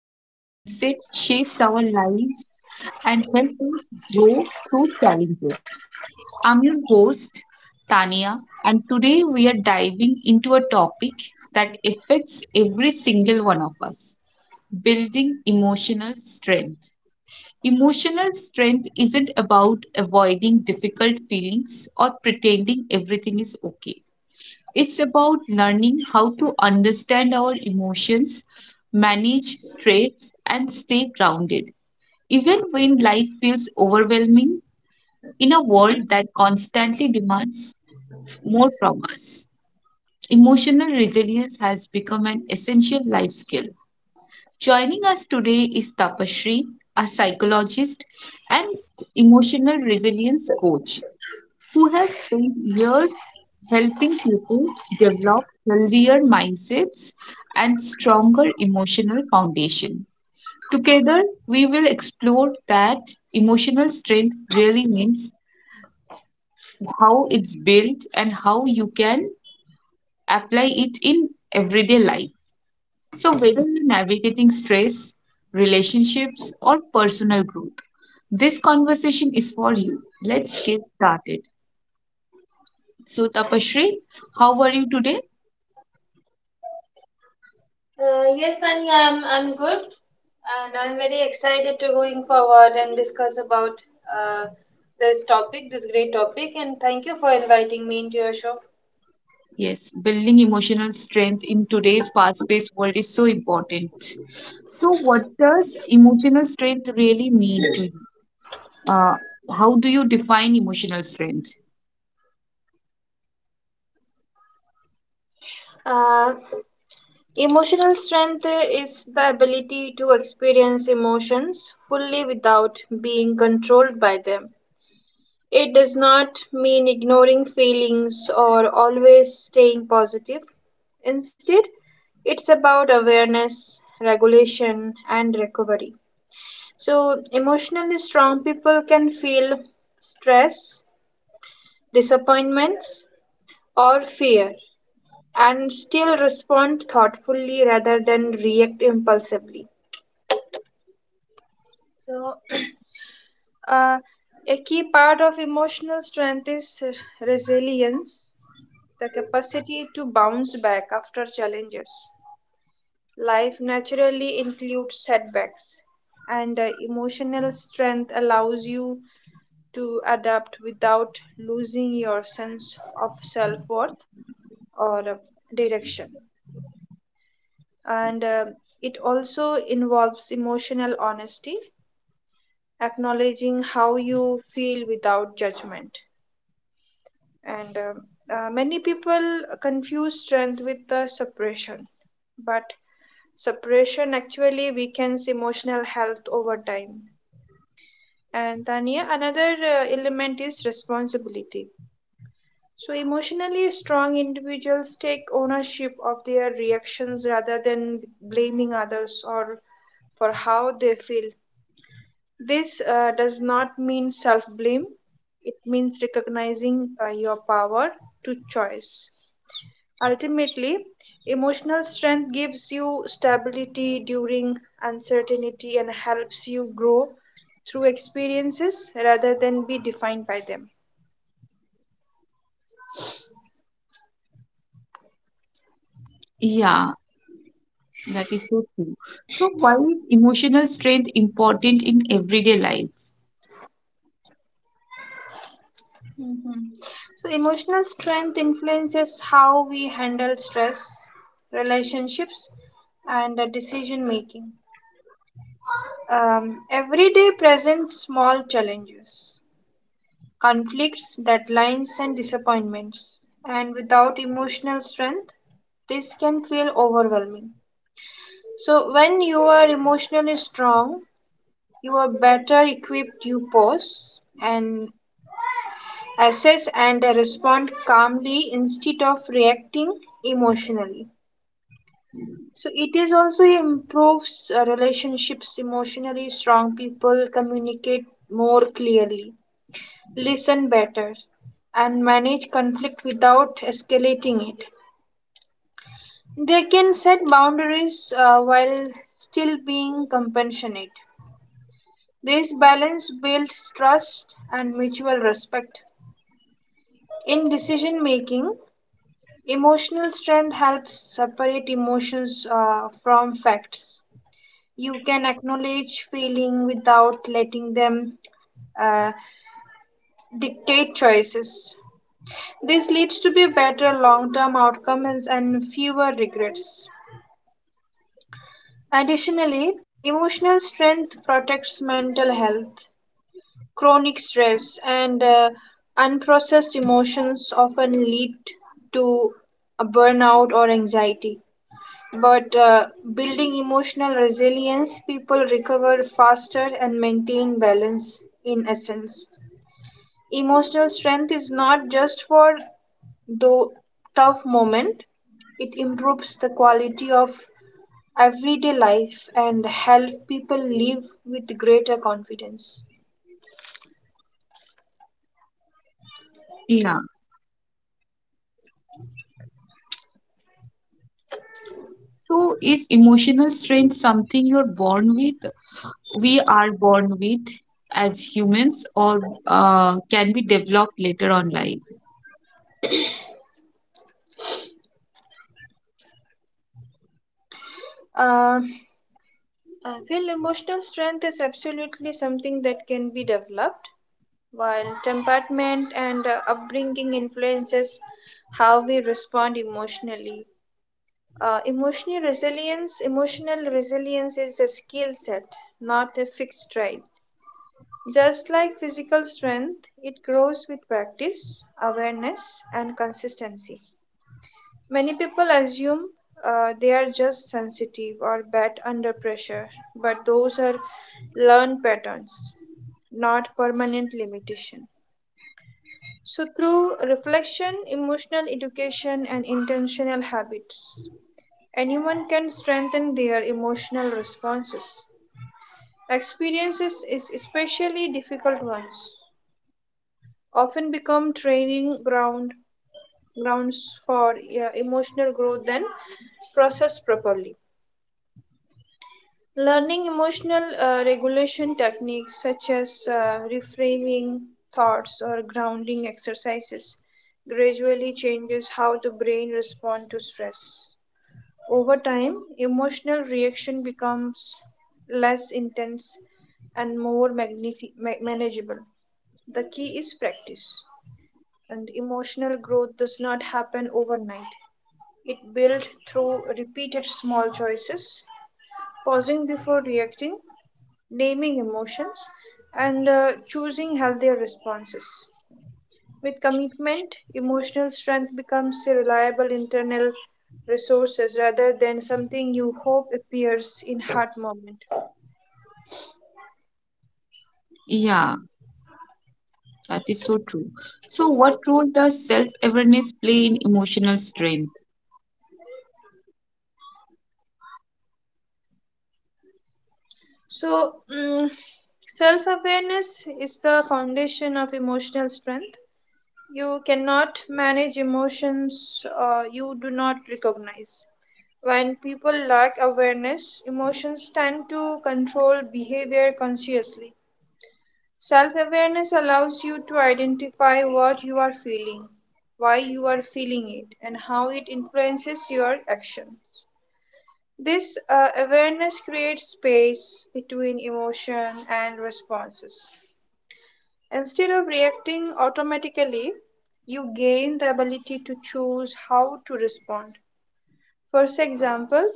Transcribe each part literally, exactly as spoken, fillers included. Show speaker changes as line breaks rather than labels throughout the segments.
how mindset shapes our lives and helps us grow through challenges. I'm your host, Tania, and today we are diving into a topic that affects every single one of us building emotional strength. Emotional strength isn't about avoiding difficult feelings or pretending everything is okay. It's about learning how to understand our emotions, manage stress, and stay grounded. Even when life feels overwhelming in a world that constantly demands more from us, emotional resilience has become an essential life skill. Joining us today is Tapashri, a psychologist and emotional resilience coach who has spent years helping people develop healthier mindsets and stronger emotional foundation. Together, we will explore that emotional strength really means how it's built and how you can apply it in everyday life. So, whether you're navigating stress, relationships, or personal growth, this conversation is for you. Let's get started. So, Tapashri, how are you today?
Uh, yes, Tanya, I'm I'm good, and I'm very excited to going forward and discuss about uh, this topic, this great topic. And thank you for inviting me into your show.
Yes, building emotional strength in today's fast paced world is so important. So, what does emotional strength really mean to you? Uh, how do you define emotional strength?
Uh, Emotional strength is the ability to experience emotions fully without being controlled by them. It does not mean ignoring feelings or always staying positive. Instead, it's about awareness, regulation, and recovery. So, emotionally strong people can feel stress, disappointments, or fear and still respond thoughtfully rather than react impulsively. So, uh, a key part of emotional strength is resilience, the capacity to bounce back after challenges. Life naturally includes setbacks, and uh, emotional strength allows you to adapt without losing your sense of self worth or uh, direction. And uh, it also involves emotional honesty, acknowledging how you feel without judgment. And um, uh, Many people confuse strength with uh, suppression, but suppression actually weakens emotional health over time. And Tanya, another uh, element is responsibility. So, emotionally strong individuals take ownership of their reactions rather than blaming others or for how they feel. This uh, does not mean self blame, it means recognizing uh, your power to choice. Ultimately, emotional strength gives you stability during uncertainty and helps you grow through experiences rather than be defined by them.
Yeah, that is so true. So, why is emotional strength important in everyday life?
Mhm. So, emotional strength influences how we handle stress, relationships, and uh, decision making. Um, every day presents small challenges, conflicts, deadlines, and disappointments. And without emotional strength, this can feel overwhelming. So, when you are emotionally strong, you are better equipped to pause and assess and respond calmly instead of reacting emotionally, so it is also improves uh, relationships. Emotionally strong people communicate more clearly, listen better, and manage conflict without escalating it. They can set boundaries uh, while still being compassionate. This balance builds trust and mutual respect. In decision making, emotional strength helps separate emotions uh, from facts. You can acknowledge feeling without letting them uh, dictate choices. This leads to be better long-term outcomes and fewer regrets. Additionally, emotional strength protects mental health. Chronic stress and uh, unprocessed emotions often lead to a burnout or anxiety. But uh, building emotional resilience, people recover faster and maintain balance in essence. Emotional strength is not just for the tough moment, it improves the quality of everyday life and help people live with greater confidence.
Yeah. So, is emotional strength something you're born with? We are born with as humans, or uh, can be developed later on life?
Uh, I feel emotional strength is absolutely something that can be developed while temperament and uh, upbringing influences how we respond emotionally. Uh, emotional resilience, emotional resilience is a skill set, not a fixed trait. Just like physical strength, it grows with practice, awareness, and consistency. Many people assume uh, they are just sensitive or bad under pressure, but those are learned patterns, not permanent limitation. So, through reflection, emotional education, and intentional habits, anyone can strengthen their emotional responses. Experiences is especially difficult ones often become training ground grounds for yeah, emotional growth than processed properly. Learning emotional uh, regulation techniques such as uh, reframing thoughts or grounding exercises gradually changes how the brain responds to stress. Over time, emotional reaction becomes less intense and more magnifi- ma- manageable. The key is practice, and emotional growth does not happen overnight. It builds through repeated small choices, pausing before reacting, naming emotions, and uh, choosing healthier responses. With commitment, emotional strength becomes a reliable internal resource rather than something you hope appears in hard moment.
Yeah, that is so true. So, what role does self-awareness play in emotional strength?
So, mm Self awareness is the foundation of emotional strength. You cannot manage emotions uh, you do not recognize. When people lack awareness, emotions tend to control behavior consciously. Self awareness allows you to identify what you are feeling, why you are feeling it, and how it influences your actions. This uh, awareness creates space between emotion and responses. Instead of reacting automatically, you gain the ability to choose how to respond. For example,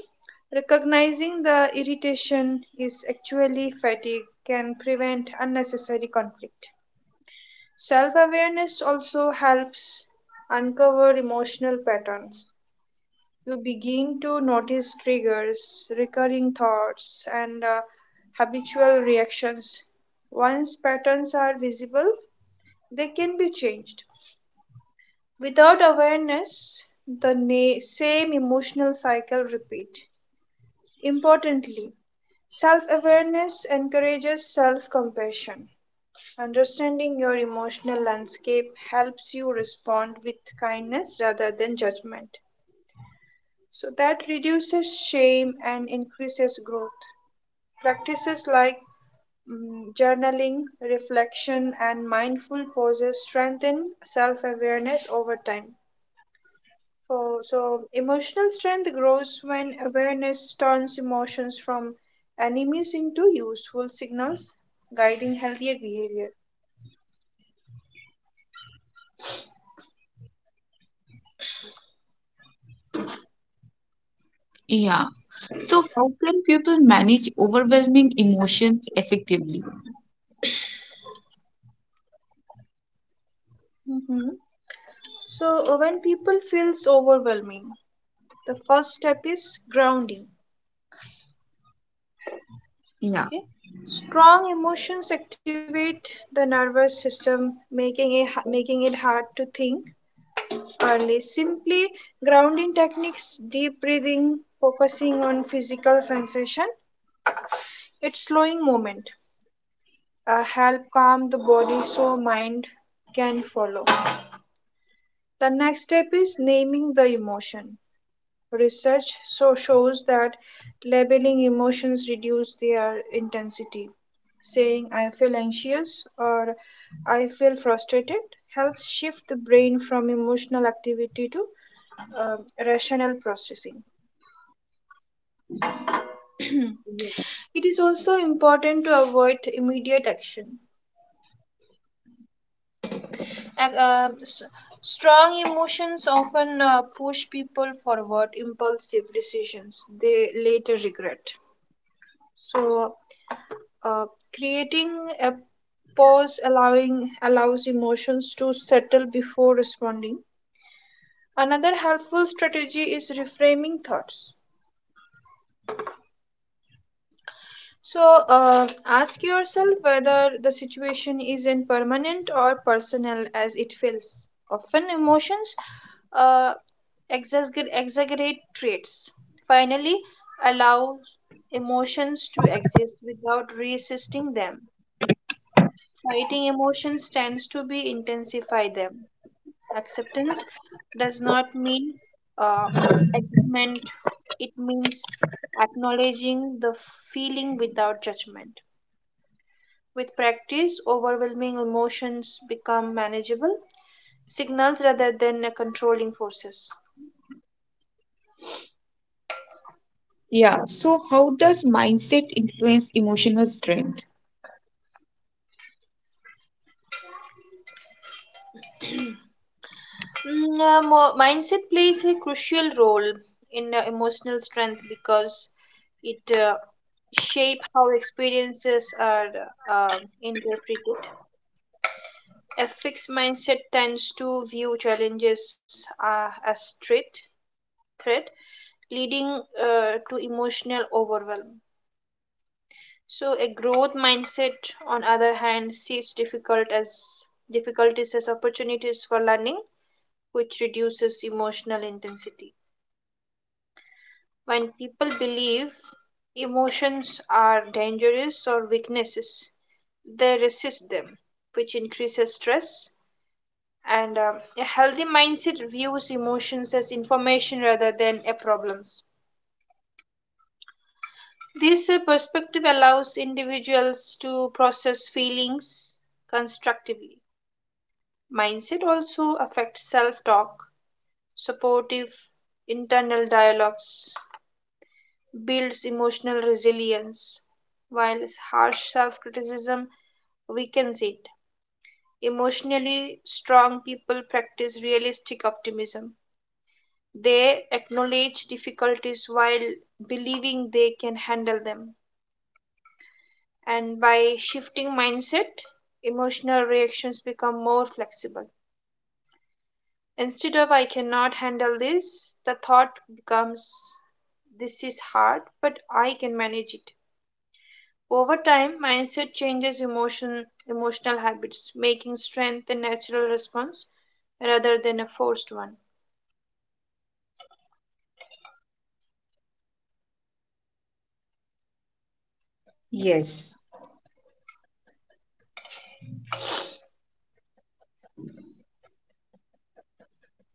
recognizing the irritation is actually fatigue can prevent unnecessary conflict. Self awareness also helps uncover emotional patterns. You begin to notice triggers, recurring thoughts, and uh, habitual reactions. Once patterns are visible, they can be changed. Without awareness, the na- same emotional cycle repeat. Importantly, self awareness encourages self compassion. Understanding your emotional landscape helps you respond with kindness rather than judgment. So that reduces shame and increases growth. Practices like mm, journaling, reflection, and mindful pauses strengthen self awareness over time. So, so, emotional strength grows when awareness turns emotions from enemies into useful signals, guiding healthier behavior.
Yeah. So, how can people manage overwhelming emotions effectively?
Mhm. So uh, when people feels overwhelming, the first step is grounding.
Yeah.
Okay? Strong emotions activate the nervous system, making it making it hard to think early. Simply grounding techniques, deep breathing, focusing on physical sensation, it's slowing movement, uh, help calm the body so mind can follow. The next step is naming the emotion. Research so shows that labeling emotions reduce their intensity. Saying I feel anxious or I feel frustrated helps shift the brain from emotional activity to uh, rational processing. It is also important to avoid immediate action. Ac- uh, s- Strong emotions often uh, push people forward impulsive decisions they later regret. So, Uh, creating a pause allowing allows emotions to settle before responding. Another helpful strategy is reframing thoughts. So uh, ask yourself whether the situation is in permanent or personal as it feels. Often emotions uh, exagger- exaggerate traits. Finally, allow emotions to exist without resisting them. Fighting emotions tends to be intensify them. Acceptance does not mean uh, agreement. It means acknowledging the feeling without judgment. With practice, overwhelming emotions become manageable signals rather than uh, controlling forces.
Yeah, so how does mindset influence emotional strength?
Mm, uh, mo- mindset plays a crucial role in uh, emotional strength because it uh, shape how experiences are uh, interpreted. A fixed mindset tends to view challenges uh, as threat, threat leading uh, to emotional overwhelm. So a growth mindset, on other hand, sees difficult as difficulties as opportunities for learning, which reduces emotional intensity. When people believe emotions are dangerous or weaknesses, they resist them, which increases stress. And um, A healthy mindset views emotions as information rather than a problems. This uh, perspective allows individuals to process feelings constructively. Mindset also affects self talk, supportive internal dialogues, builds emotional resilience, while harsh self criticism weakens it. Emotionally strong people practice realistic optimism. They acknowledge difficulties while believing they can handle them. And by shifting mindset, emotional reactions become more flexible. Instead of I cannot handle this, the thought becomes this is hard, but I can manage it. Over time, mindset changes emotion, emotional habits, making strength a natural response rather than a forced one.
Yes.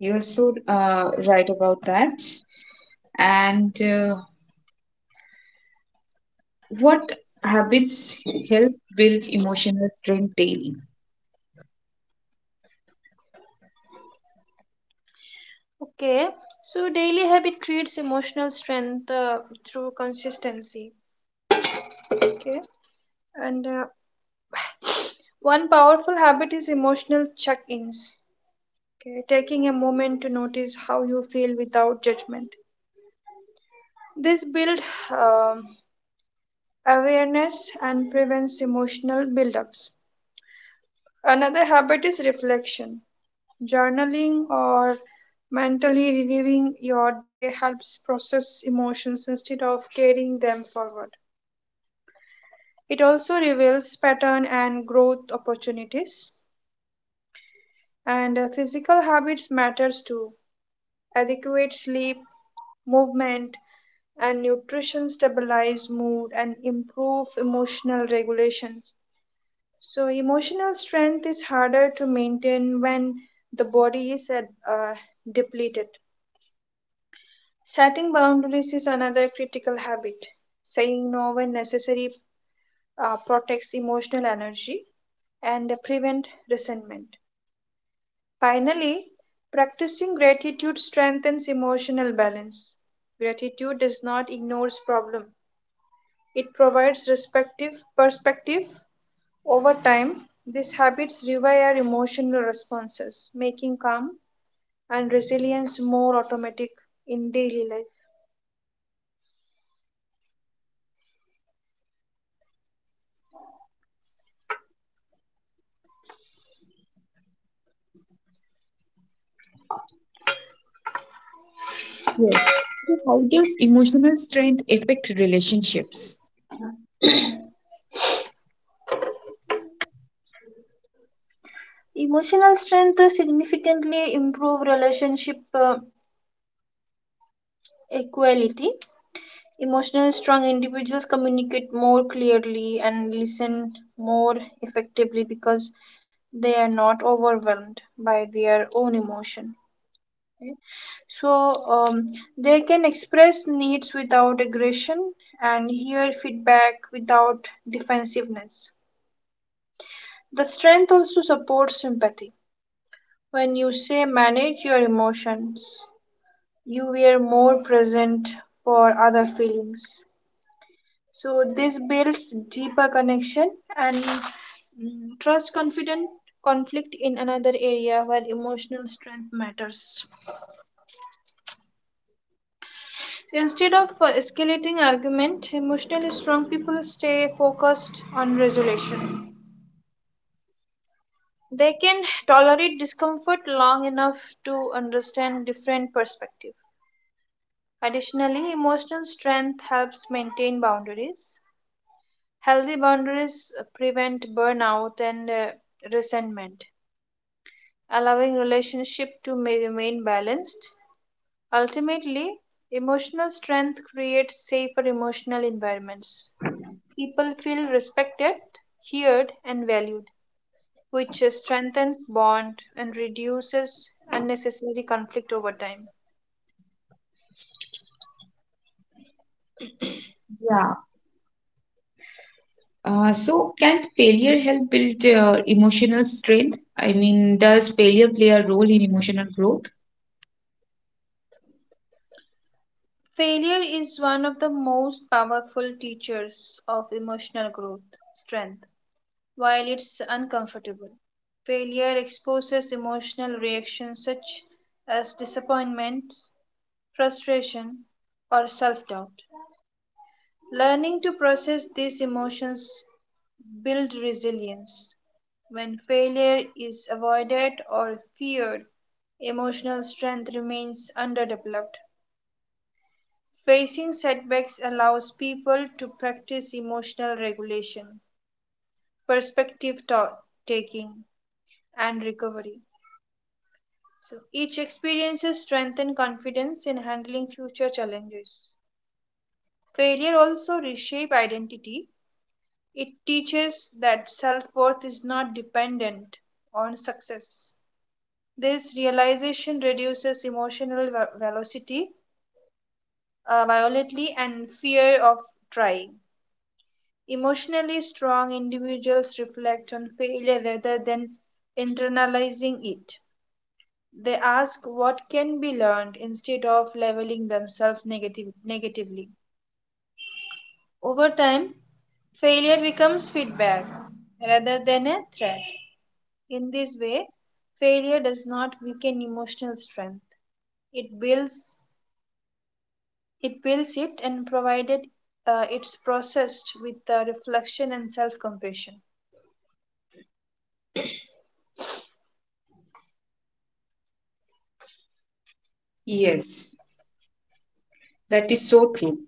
You're so uh, right about that. And uh, what habits help build emotional strength daily?
Okay, so daily habit creates emotional strength uh, through consistency. Okay, and uh, one powerful habit is emotional check ins. Okay, taking a moment to notice how you feel without judgment. This builds um awareness and prevents emotional buildups. Another habit is reflection. Journaling or mentally reviewing your day helps process emotions instead of carrying them forward. It also reveals pattern and growth opportunities. And uh, physical habits matters too. Adequate sleep, movement, and nutrition stabilize mood and improve emotional regulation. So emotional strength is harder to maintain when the body is at, uh, depleted. Setting boundaries is another critical habit. Saying no when necessary uh, protects emotional energy and prevent resentment. Finally, practicing gratitude strengthens emotional balance. Gratitude does not ignores problem. It provides respective perspective over time. These habits rewire emotional responses, making calm and resilience more automatic in daily life.
Yes. So, how does emotional strength affect relationships?
Emotional strength significantly improve relationship uh, equality. Emotional strong individuals communicate more clearly and listen more effectively because they are not overwhelmed by their own emotion, right? So um, they can express needs without aggression and hear feedback without defensiveness. The strength also supports empathy. When you say manage your emotions, you were more present for other feelings. So this builds deeper connection and mm, trust confident conflict in another area where emotional strength matters. So instead of uh, escalating argument, emotionally strong people stay focused on resolution. They can tolerate discomfort long enough to understand different perspective. Additionally, emotional strength helps maintain boundaries. Healthy boundaries prevent burnout and uh, resentment, allowing relationship to may remain balanced. Ultimately, emotional strength creates safer emotional environments. People feel respected, heard, and valued, which uh, strengthens bond and reduces unnecessary conflict over time.
Yeah. Uh, so, can failure help build uh, emotional strength? I mean, does failure play a role in emotional growth?
Failure is one of the most powerful teachers of emotional growth, strength. While it's uncomfortable, failure exposes emotional reactions such as disappointment, frustration, or self doubt. Learning to process these emotions builds resilience. When failure is avoided or feared, emotional strength remains underdeveloped. Facing setbacks allows people to practice emotional regulation, perspective taking, and recovery. So each experiences strengthen confidence in handling future challenges. Failure also reshape identity. It teaches that self-worth is not dependent on success. This realization reduces emotional velocity uh, violently and fear of trying. Emotionally strong individuals reflect on failure rather than internalizing it. They ask what can be learned instead of leveling themselves negative, negatively. Over time, failure becomes feedback rather than a threat. In this way, failure does not weaken emotional strength. It builds it builds it and provided uh, it's processed with uh, reflection and self-compassion.
Yes, that is so true.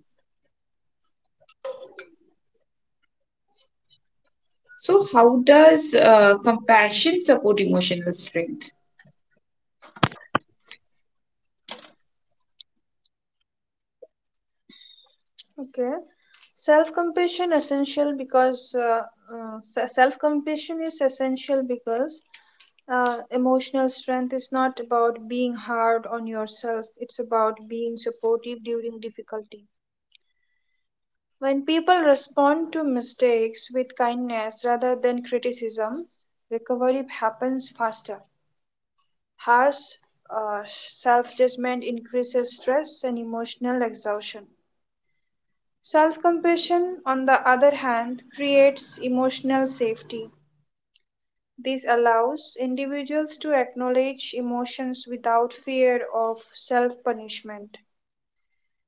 So, how does uh, compassion support emotional strength?
Okay, self-compassion essential because uh, uh, self-compassion is essential because Uh, emotional strength is not about being hard on yourself, it's about being supportive during difficulty. When people respond to mistakes with kindness rather than criticisms, recovery happens faster. Harsh uh, self judgment increases stress and emotional exhaustion. Self compassion, on the other hand, creates emotional safety. This allows individuals to acknowledge emotions without fear of self punishment.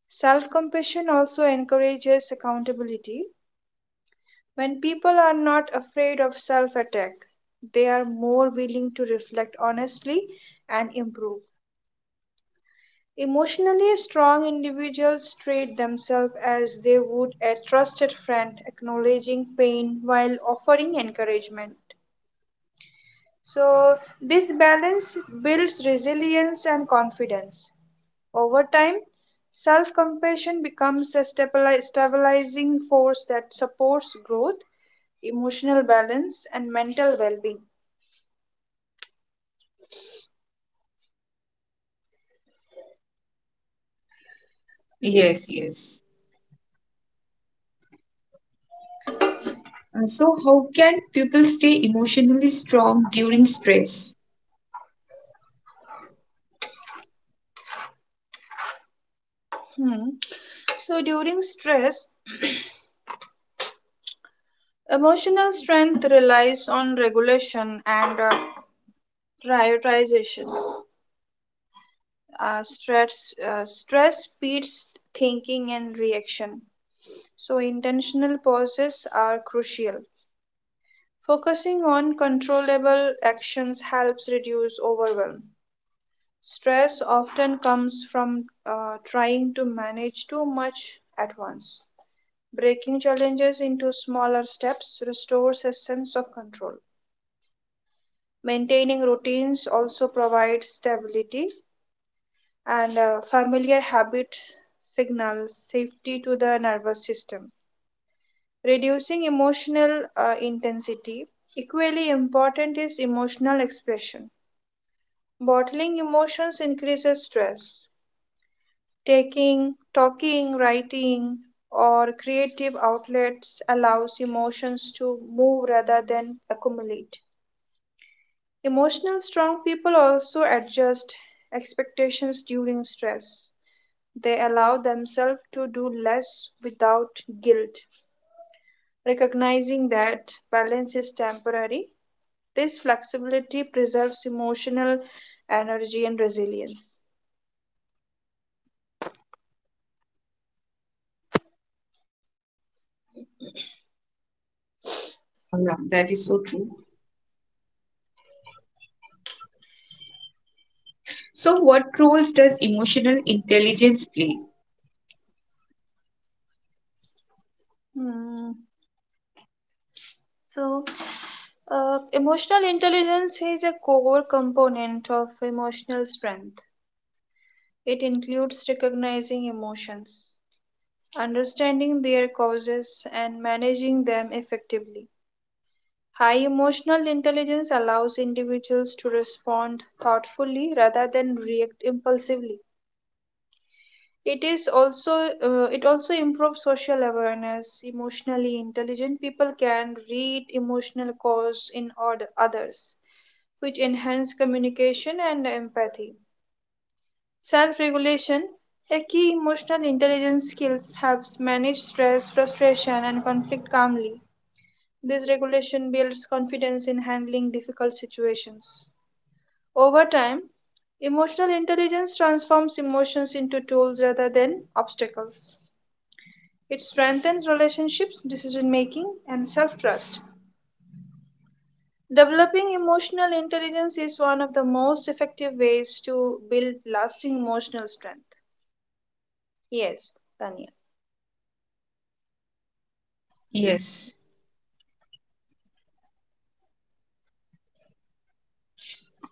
Self compassion also encourages accountability. When people are not afraid of self attack, they are more willing to reflect honestly and improve. Emotionally strong individuals treat themselves as they would a trusted friend, acknowledging pain while offering encouragement. So, this balance builds resilience and confidence. Over time, self compassion becomes a stabili- stabilizing force that supports growth, emotional balance, and mental well being.
Yes, yes. Uh, so, how can people stay emotionally strong during stress?
Hmm. So, during stress, emotional strength relies on regulation and uh, prioritization. Uh, stress, uh, stress speeds thinking and reaction. So, intentional pauses are crucial. Focusing on controllable actions helps reduce overwhelm. Stress often comes from uh, trying to manage too much at once. Breaking challenges into smaller steps restores a sense of control. Maintaining routines also provides stability, and uh, familiar habits signal safety to the nervous system. Reducing emotional uh, intensity. Equally important is emotional expression. Bottling emotions increases stress. Taking, talking, writing, or creative outlets allows emotions to move rather than accumulate. Emotional strong people also adjust expectations during stress. They allow themselves to do less without guilt, recognizing that balance is temporary. This flexibility preserves emotional energy and resilience.
Yeah, yeah, that is so true. So, what roles does emotional intelligence play?
Hmm. So, Uh, emotional intelligence is a core component of emotional strength. It includes recognizing emotions, understanding their causes, and managing them effectively. High emotional intelligence allows individuals to respond thoughtfully rather than react impulsively. It is also uh, it also improves social awareness. Emotionally intelligent people can read emotional cause in order others which enhance communication and empathy. Self regulation, a key emotional intelligence skills, helps manage stress, frustration, and conflict calmly. This regulation builds confidence in handling difficult situations. Over time, emotional intelligence transforms emotions into tools rather than obstacles. It strengthens relationships, decision making, and self trust. Developing emotional intelligence is one of the most effective ways to build lasting emotional strength. Yes, Tanya.
Yes,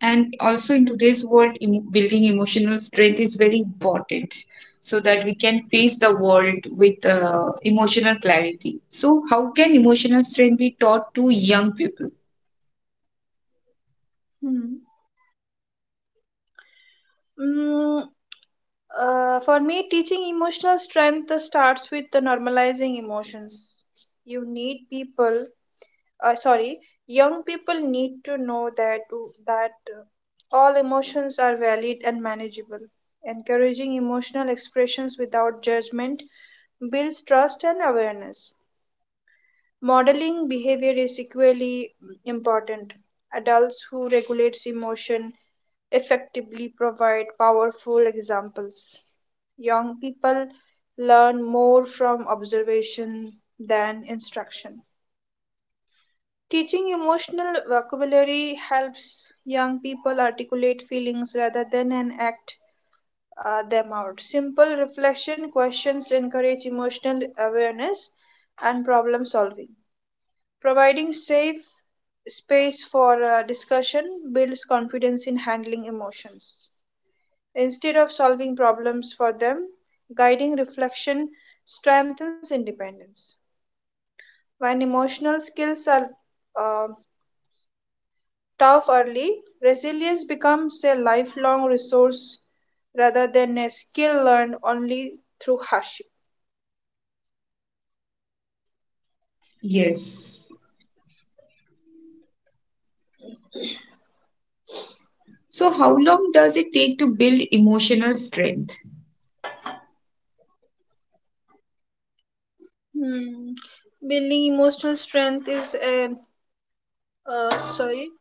and also in today's world, em- building emotional strength is very important so that we can face the world with uh, emotional clarity. So, how can emotional strength be taught to young people?
Hmm. Mm, uh, for me, teaching emotional strength starts with the normalizing emotions. You need people, uh, sorry, young people need to know that that uh, all emotions are valid and manageable. Encouraging emotional expressions without judgment builds trust and awareness. Modeling behavior is equally important. Adults who regulate emotion effectively provide powerful examples. Young people learn more from observation than instruction. Teaching emotional vocabulary helps young people articulate feelings rather than an act uh, them out. Simple reflection questions encourage emotional awareness and problem solving. Providing safe space for uh, discussion builds confidence in handling emotions. Instead of solving problems for them, guiding reflection strengthens independence. When emotional skills are uh, tough early, resilience becomes a lifelong resource rather than a skill learned only through hardship.
Yes. So, how long does it take to build emotional strength?
Hmm. Building emotional strength is a uh, sorry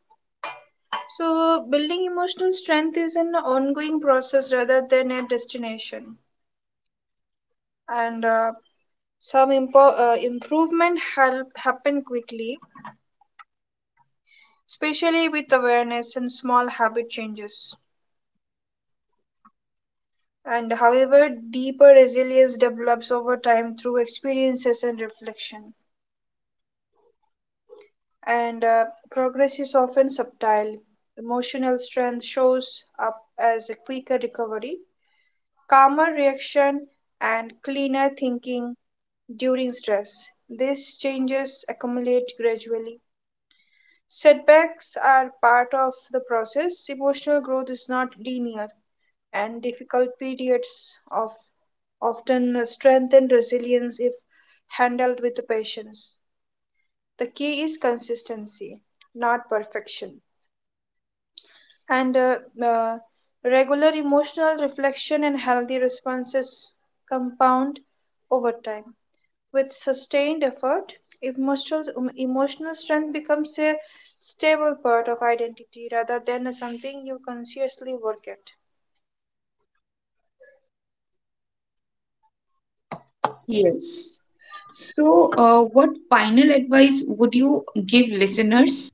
So, building emotional strength is an ongoing process rather than a destination, and uh, some impo- uh, improvement help happen quickly, especially with awareness and small habit changes. And however, deeper resilience develops over time through experiences and reflection. And uh, progress is often subtle. Emotional strength shows up as a quicker recovery, calmer reaction, and cleaner thinking during stress. These changes accumulate gradually. Setbacks are part of the process. Emotional growth is not linear, and difficult periods of often strengthen resilience if handled with patience. The key is consistency, not perfection. And uh, uh, regular emotional reflection and healthy responses compound over time. With sustained effort, emotional, emotional strength becomes a stable part of identity rather than something you consciously work at.
Yes. So, uh, what final advice would you give listeners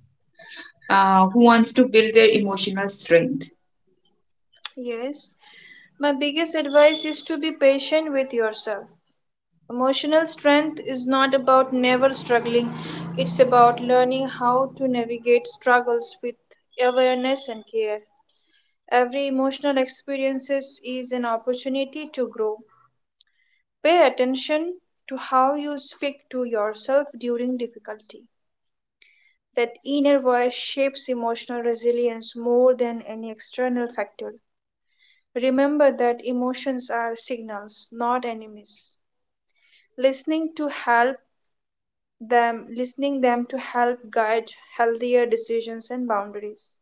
uh, who wants to build their emotional strength?
Yes, my biggest advice is to be patient with yourself. Emotional strength is not about never struggling, it's about learning how to navigate struggles with awareness and care. Every emotional experience is an opportunity to grow. Pay attention to how you speak to yourself during difficulty. That inner voice shapes emotional resilience more than any external factor. Remember that emotions are signals, not enemies. Listening to help them, listening them to help guide healthier decisions and boundaries.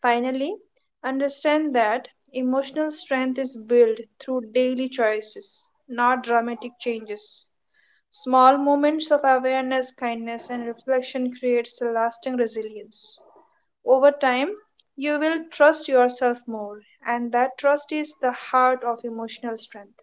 Finally, understand that emotional strength is built through daily choices, not dramatic changes. Small moments of awareness, kindness, and reflection creates a lasting resilience. Over time, you will trust yourself more, and that trust is the heart of emotional strength.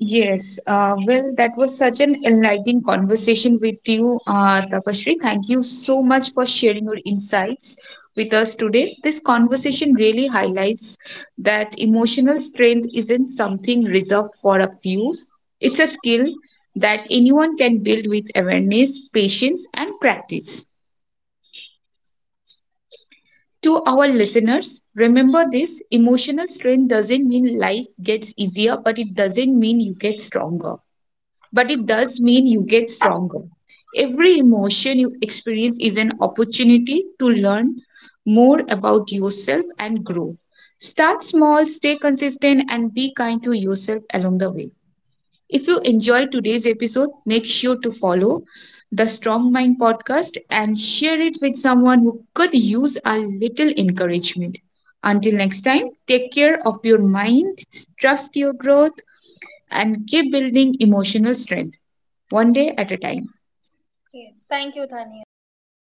Yes, uh, well, that was such an enlightening conversation with you, uh, Tapashri. Thank you so much for sharing your insights with us today. This conversation really highlights that emotional strength isn't something reserved for a few, it's a skill that anyone can build with awareness, patience, and practice. To our listeners, remember this emotional strength doesn't mean life gets easier, but it doesn't mean you get stronger. But it does mean you get stronger. Every emotion you experience is an opportunity to learn more about yourself and grow. Start small, stay consistent, and be kind to yourself along the way. If you enjoyed today's episode, make sure to follow the Strong Mind podcast and share it with someone who could use a little encouragement. Until next time, take care of your mind, trust your growth, and keep building emotional strength one day at a time.
Yes, thank you, Tania. Thank you so